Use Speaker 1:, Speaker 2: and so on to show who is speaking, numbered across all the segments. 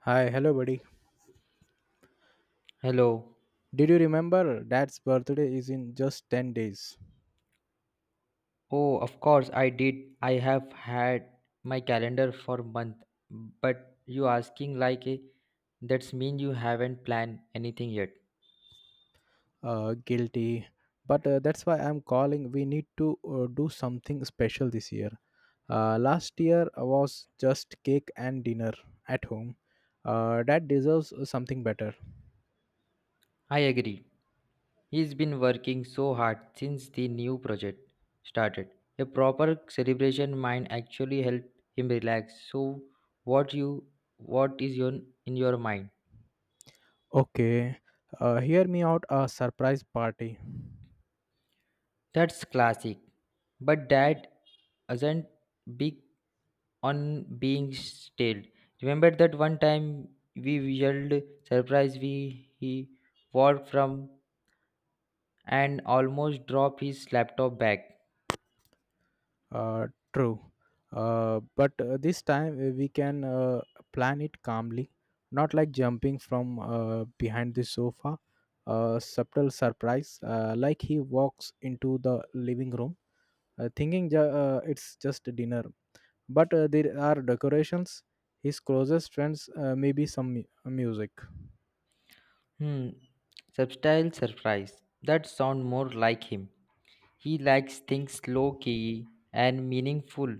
Speaker 1: Hi, hello, buddy.
Speaker 2: Hello.
Speaker 1: Did you remember dad's birthday is in just 10 days?
Speaker 2: Oh, of course I did. I have had my calendar for month, but you asking like a that's mean you haven't planned anything yet.
Speaker 1: Guilty. But that's why I'm calling. We need to do something special this year. Last year was just cake and dinner at home. Dad deserves something better.
Speaker 2: I agree. He's been working so hard since the new project started. A proper celebration might actually help him relax. So what you what is your in your mind?
Speaker 1: Okay, hear me out, a surprise party.
Speaker 2: That's classic. But that isn't big on being stale. Remember that one time we yelled surprise we he walked from and almost dropped his laptop bag.
Speaker 1: True. But this time we can plan it calmly, not like jumping from behind the sofa. A subtle surprise, like he walks into the living room, thinking it's just dinner. But there are decorations. His closest friends, maybe some music.
Speaker 2: Hmm, subtle surprise. That sound more like him. He likes things low key and meaningful.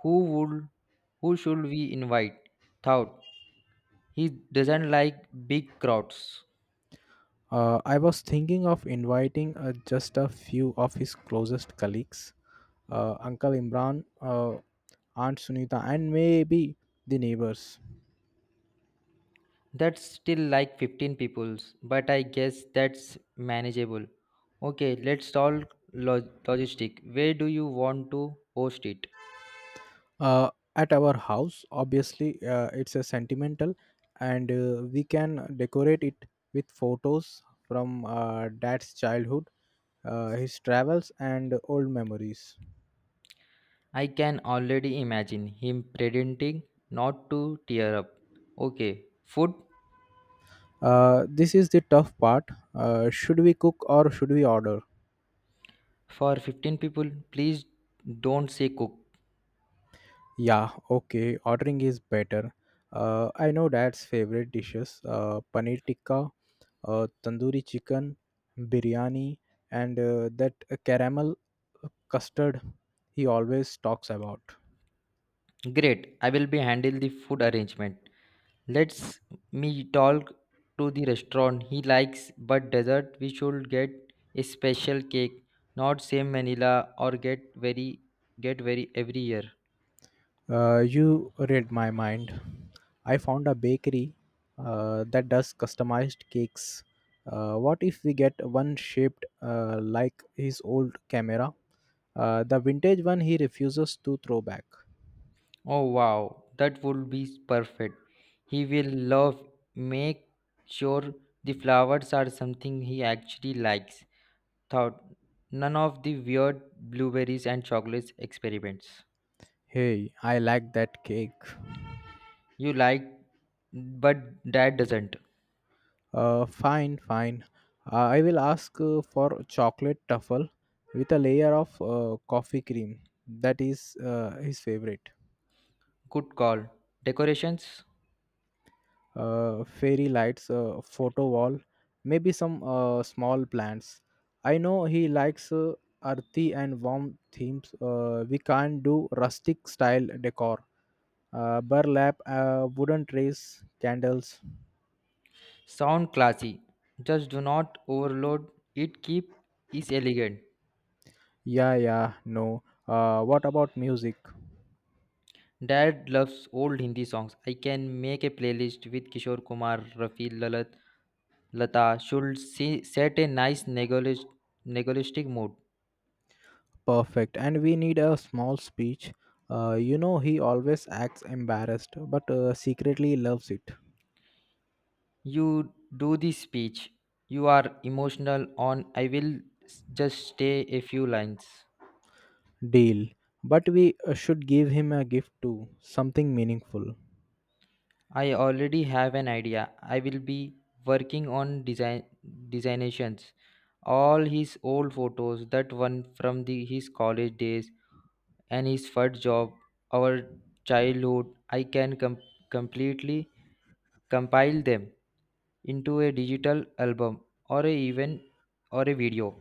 Speaker 2: Who would who should we invite? Thought. He doesn't like big crowds.
Speaker 1: I was thinking of inviting just a few of his closest colleagues, Uncle Imran, Aunt Sunita, and maybe the neighbors.
Speaker 2: That's still like 15 peoples, but I guess that's manageable. Okay, let's solve logistic. Where do you want to host it?
Speaker 1: Uh, at our house, obviously, it's a sentimental, and we can decorate it with photos from dad's childhood, his travels, and old memories.
Speaker 2: I can already imagine him pretending not to tear up. Okay, food
Speaker 1: This is the tough part. Should we cook or should we order?
Speaker 2: for 15 people. Please don't say cook.
Speaker 1: Yeah, okay, ordering is better. I know dad's favorite dishes, paneer tikka, tandoori chicken, biryani, and that caramel custard he always talks about.
Speaker 2: Great, I will be handle the food arrangement. Let's me talk to the restaurant he likes, but dessert we should get a special cake, not same vanilla or get very every year.
Speaker 1: You read my mind. I found a bakery that does customized cakes. What if we get one shaped like his old camera? The vintage one he refuses to throw back.
Speaker 2: Oh wow, that would be perfect. He will love make sure the flowers are something he actually likes. Thought none of the weird blueberries and chocolates experiments.
Speaker 1: Hey, I like that cake.
Speaker 2: You like but dad doesn't.
Speaker 1: Fine, fine. I will ask for chocolate truffle with a layer of coffee cream. That is his favorite.
Speaker 2: Good call. Decorations
Speaker 1: Fairy lights, photo wall, maybe some small plants. I know he likes earthy and warm themes. We can't do rustic style decor. Burlap, wooden trays, candles.
Speaker 2: sound classy. Just do not overload it keep is elegant.
Speaker 1: Yeah, yeah, no. What about music?
Speaker 2: Dad loves old Hindi songs. I can make a playlist with Kishore Kumar, Rafi Lalat Lata should see, set a nice negotiating mood.
Speaker 1: Perfect. And we need a small speech. You know, he always acts embarrassed, but secretly loves it.
Speaker 2: You do the speech. You are emotional on I will just stay a few lines.
Speaker 1: Deal. But we should give him a gift too, something meaningful.
Speaker 2: I already have an idea. I will be working on design designations. All his old photos, that one from the his college days and his first job, our childhood, I can completely compile them into a digital album or a even or a video.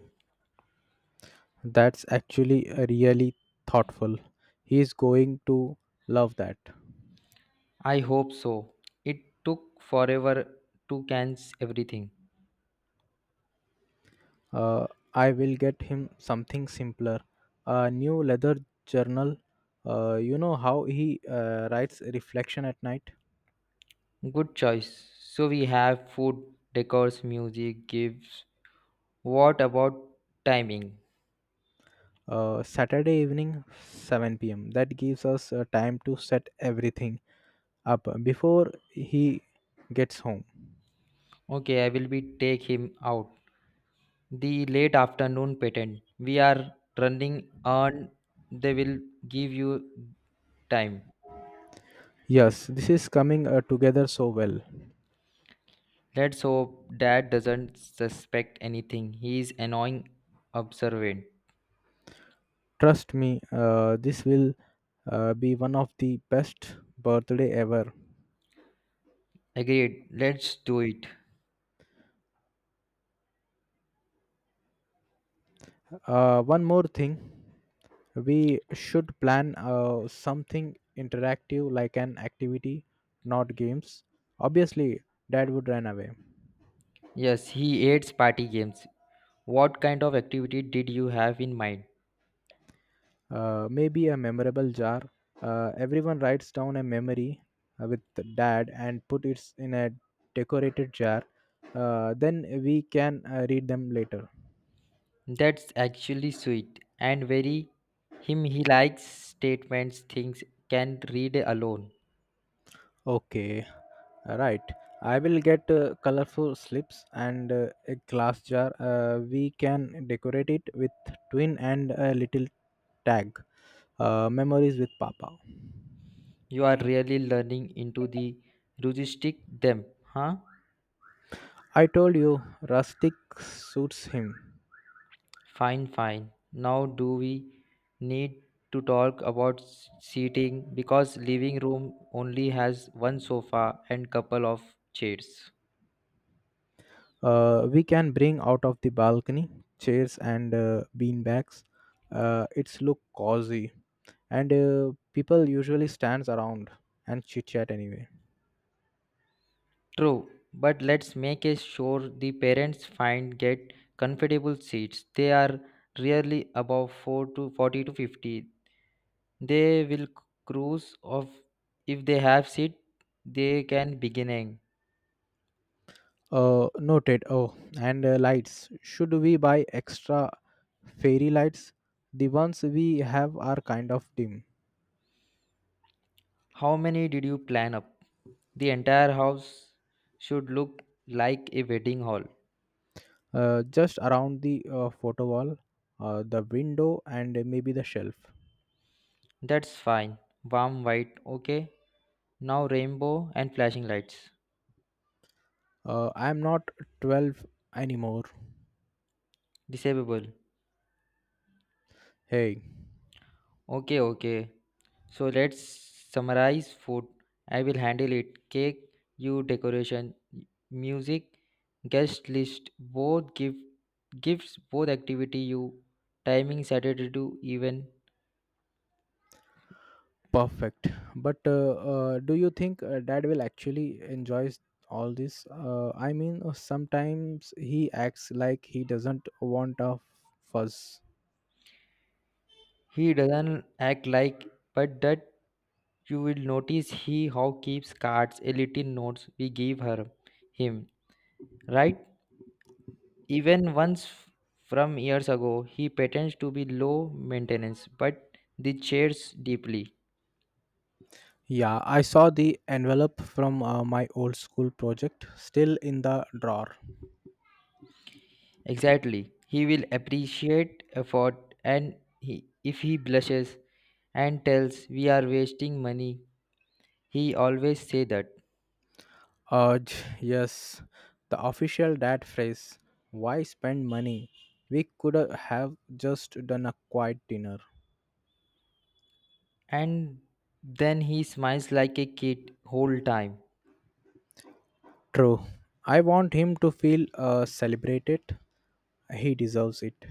Speaker 1: That's actually really thoughtful. He is going to love that.
Speaker 2: I hope so. It took forever to cans everything.
Speaker 1: Uh, I will get him something simpler. A new leather journal. You know how he writes reflection at night?
Speaker 2: Good choice. So we have food, decors, music, gifts. What about timing?
Speaker 1: Saturday evening 7 pm. That gives us time to set everything up before he gets home.
Speaker 2: Okay, I will be take him out. The late afternoon patent. We are running on. They will give you time.
Speaker 1: Yes, this is coming together so well.
Speaker 2: Let's hope Dad doesn't suspect anything. He is annoying, observant.
Speaker 1: Trust me, this will be one of the best birthday ever.
Speaker 2: Agreed. Let's do it.
Speaker 1: One more thing, we should plan something interactive like an activity, not games. Obviously, dad would run away.
Speaker 2: Yes, he hates party games. What kind of activity did you have in mind?
Speaker 1: Maybe a memorable jar. Everyone writes down a memory with dad and put it in a decorated jar. Then we can read them later.
Speaker 2: That's actually sweet and very him. He likes statements things can read alone.
Speaker 1: Okay, right. I will get colorful slips and a glass jar. We can decorate it with twin and a little tag. Memories with Papa.
Speaker 2: You are really learning into the heuristic them, huh?
Speaker 1: I told you, rustic suits him.
Speaker 2: Fine, fine. Now do we need to talk about seating because living room only has one sofa and couple of chairs.
Speaker 1: We can bring out of the balcony chairs and bean bags, it's look cozy and people usually stands around and chit chat anyway.
Speaker 2: True, but let's make a sure the parents find get comfortable seats. They are really above 4 to 40 to 50. They will cruise of if they have seat they can beginning.
Speaker 1: Noted. Oh, and lights, should we buy extra fairy lights? The ones we have are kind of dim.
Speaker 2: How many did you plan up? The entire house should look like a wedding hall.
Speaker 1: Just around the photo wall, the window and maybe the shelf.
Speaker 2: That's fine. Warm white, okay? Now rainbow and flashing lights.
Speaker 1: I'm not 12 anymore.
Speaker 2: Disable.
Speaker 1: Hey.
Speaker 2: Okay, okay. So let's summarize food. I will handle it. Cake, you decoration, music, guest list, both give gifts, both activity you timing Saturday to even.
Speaker 1: Perfect. But do you think dad will actually enjoys all this? I mean, sometimes he acts like he doesn't want a fuss.
Speaker 2: He doesn't act like but that you will notice he how keeps cards a little notes we give her him. Right? Even once from years ago, he pretends to be low maintenance, but the chairs deeply.
Speaker 1: Yeah, I saw the envelope from my old school project still in the drawer.
Speaker 2: Exactly. He will appreciate effort and he, if he blushes and tells we are wasting money, he always say that.
Speaker 1: Urge, yes, the official dad phrase. Why spend money? We could have just done a quiet dinner.
Speaker 2: And then he smiles like a kid whole time.
Speaker 1: True. I want him to feel celebrated. He deserves it.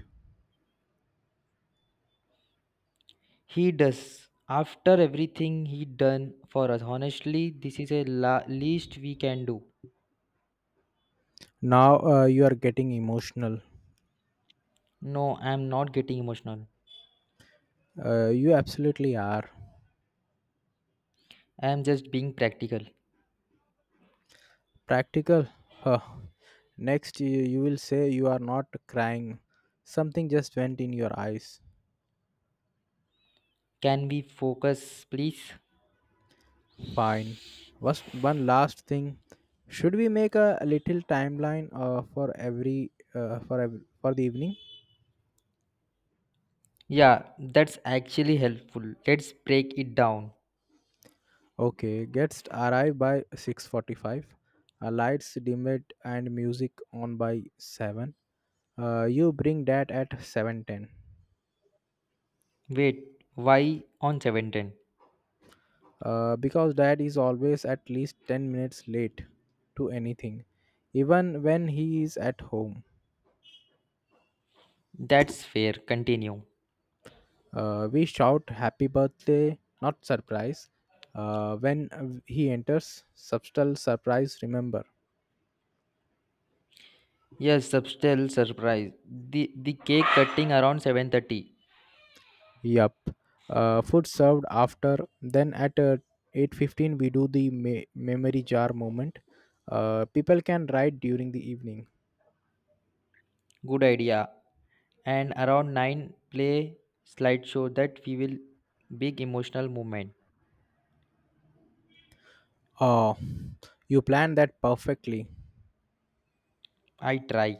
Speaker 2: He does. After everything he done for us, honestly, this is a least we can do.
Speaker 1: Now you are getting emotional.
Speaker 2: No, I'm not getting emotional.
Speaker 1: You absolutely are.
Speaker 2: I'm just being practical.
Speaker 1: Practical? Huh. Next, you will say you are not crying. Something just went in your eyes.
Speaker 2: Can we focus, please?
Speaker 1: Fine. Was one last thing. Should we make a little timeline for every for ev- for the evening?
Speaker 2: Yeah, that's actually helpful. Let's break it down.
Speaker 1: Okay, guests arrive by 6:45. Lights dimmed and music on by 7. You bring that at 7:10.
Speaker 2: Wait, why on 7:10?
Speaker 1: Because dad is always at least 10 minutes late to anything, even when he is at home.
Speaker 2: That's fair. Continue.
Speaker 1: We shout happy birthday, not surprise. When he enters, subtle surprise, remember.
Speaker 2: Yes, subtle surprise. The cake cutting around 7:30.
Speaker 1: Yup. Food served after, then at 8:15 we do the memory jar moment. People can write during the evening.
Speaker 2: Good idea. And around 9 play slideshow that we will big emotional moment.
Speaker 1: Oh, you planned that perfectly.
Speaker 2: I try.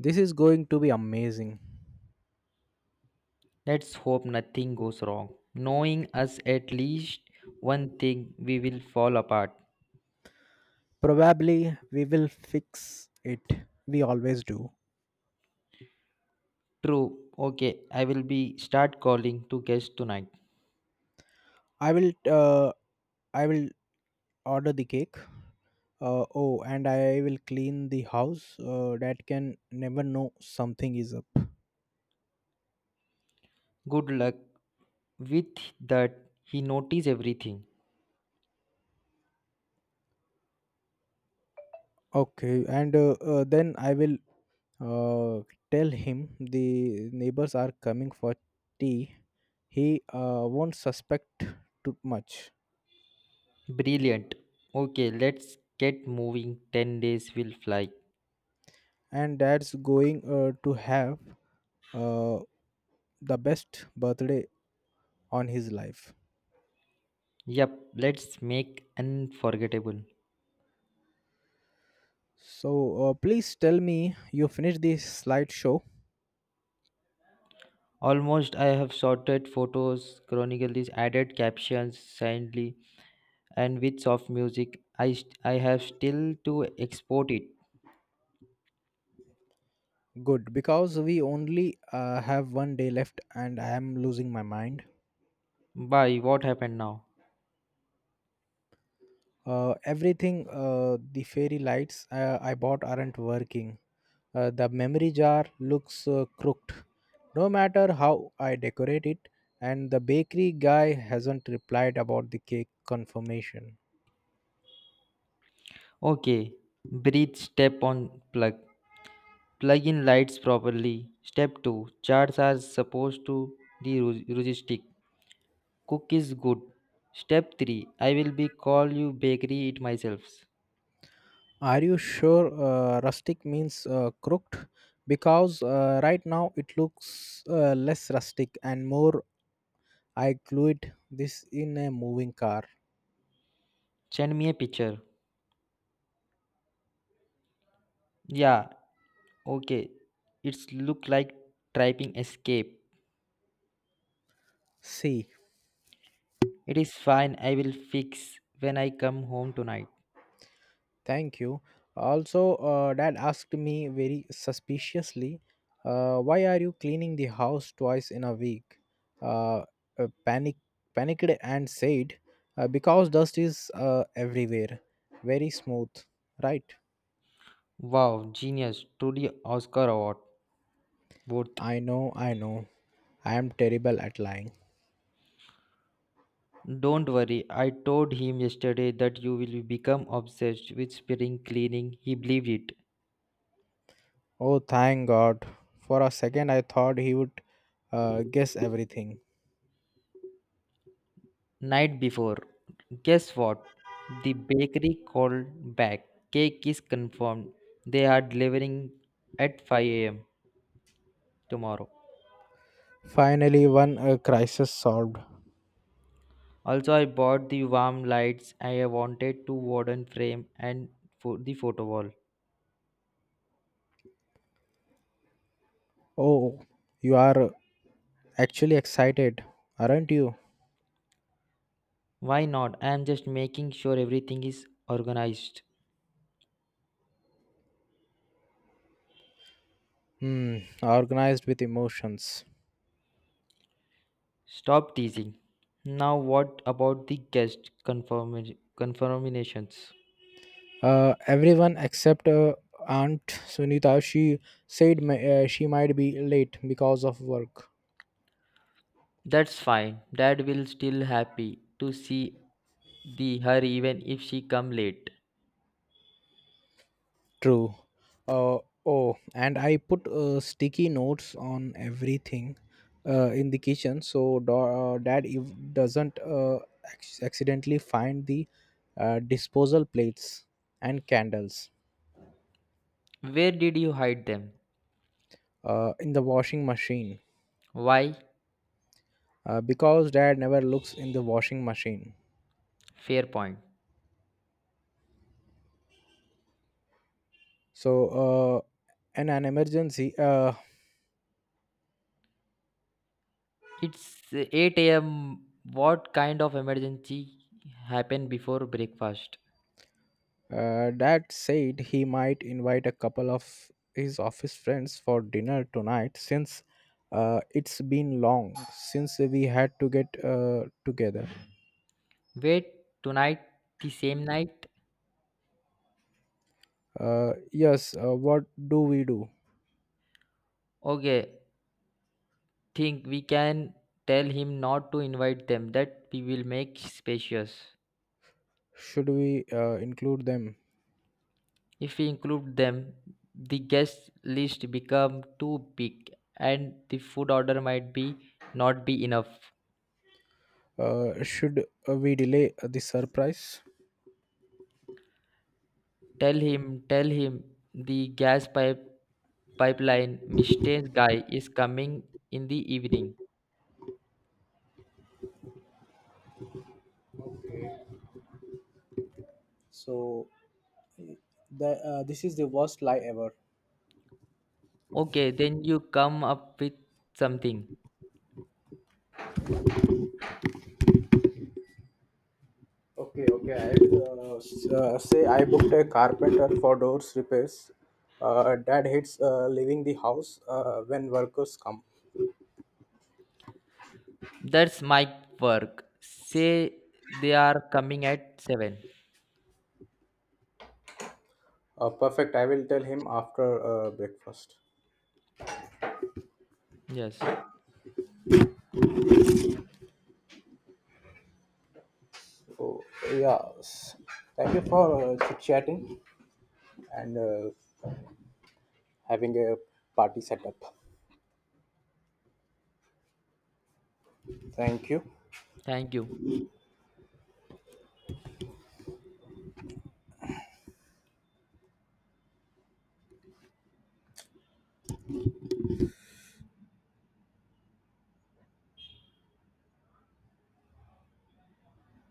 Speaker 1: This is going to be amazing.
Speaker 2: Let's hope nothing goes wrong. Knowing us at least one thing we will fall apart.
Speaker 1: Probably we will fix it, we always do.
Speaker 2: True. Okay, I will be start calling to guest tonight.
Speaker 1: I will uh, i will order the cake. Oh, and I will clean the house. Dad can never know something is up.
Speaker 2: Good luck. With that, he notice everything.
Speaker 1: Okay, and then I will uh, tell him the neighbors are coming for tea. He won't suspect too much.
Speaker 2: Brilliant. Okay, let's get moving. 10 days will fly.
Speaker 1: And dad's going to have uh, the best birthday on his life.
Speaker 2: Yep, let's make unforgettable.
Speaker 1: So please tell me you finished this slideshow.
Speaker 2: Almost I have sorted photos, chronicled these added captions silently, and with soft music. I, I have still to export it.
Speaker 1: Good, because we only have one day left and I am losing my mind.
Speaker 2: Bye, what happened now?
Speaker 1: Everything, the fairy lights I bought aren't working. The memory jar looks crooked, no matter how I decorate it, and the bakery guy hasn't replied about the cake confirmation.
Speaker 2: Okay, breathe, step on plug. Plug in lights properly. Step 2. Charts are supposed to the logistic. Cook is good. Step 3. I will be call you bakery it myself.
Speaker 1: Are you sure rustic means crooked? Because right now it looks less rustic and more I glued this in a moving car.
Speaker 2: Send me a picture. Yeah, okay. It's look like typing escape.
Speaker 1: See,
Speaker 2: It is fine. I will fix when I come home tonight.
Speaker 1: thank you. Also, dad asked me very suspiciously, why are you cleaning the house twice in a week? Uh, uh, panic, panicked and said, because dust is everywhere, very smooth, right?
Speaker 2: Wow, genius. Truly Oscar award. Both.
Speaker 1: I know, I know. I am terrible at lying.
Speaker 2: Don't worry, I told him yesterday that you will become obsessed with spring cleaning. He believed it.
Speaker 1: Oh, thank God. For a second, I thought he would guess everything.
Speaker 2: Night before, guess what? The bakery called back. Cake is confirmed. They are delivering at 5 a.m. tomorrow.
Speaker 1: Finally, one crisis solved.
Speaker 2: Also, I bought the warm lights. I wanted to wooden frame and for the photo wall.
Speaker 1: Oh, you are actually excited, aren't you?
Speaker 2: Why not? I am just making sure everything is organized.
Speaker 1: Hmm, organized with emotions.
Speaker 2: Stop teasing. Now, what about the guest confirmations?
Speaker 1: Everyone except Aunt Sunita, she said she might be late because of work.
Speaker 2: That's fine. Dad will still happy to see the her even if she come late.
Speaker 1: True. Uh, oh, and I put sticky notes on everything in the kitchen so dad if doesn't accidentally find the disposal plates and candles
Speaker 2: Where did you hide them?
Speaker 1: in the washing machine.
Speaker 2: Why?
Speaker 1: Because dad never looks in the washing machine.
Speaker 2: Fair point.
Speaker 1: So, in an emergency,
Speaker 2: It's 8 a.m. What kind of emergency happened before breakfast?
Speaker 1: uh, Dad said he might invite a couple of his office friends for dinner tonight since it's been long since we had to get together.
Speaker 2: Wait, tonight the same night?
Speaker 1: Yes, what do we do?
Speaker 2: Okay, think we can tell him not to invite them that we will make spacious.
Speaker 1: Should we include them?
Speaker 2: If we include them, the guest list become too big and the food order might be not be enough.
Speaker 1: Should we delay the surprise?
Speaker 2: Tell him, the gas pipeline maintenance guy is coming in the evening.
Speaker 1: So this is the worst lie ever.
Speaker 2: Okay, then you come up with something.
Speaker 1: Okay, okay. I say I booked a carpenter for doors repairs. Dad hates leaving the house when workers come.
Speaker 2: That's my work. Say they are coming at 7.
Speaker 1: Perfect. I will tell him after breakfast.
Speaker 2: Yes.
Speaker 1: So yeah, thank you for chit chatting and having a party setup. Thank you.
Speaker 2: Thank you.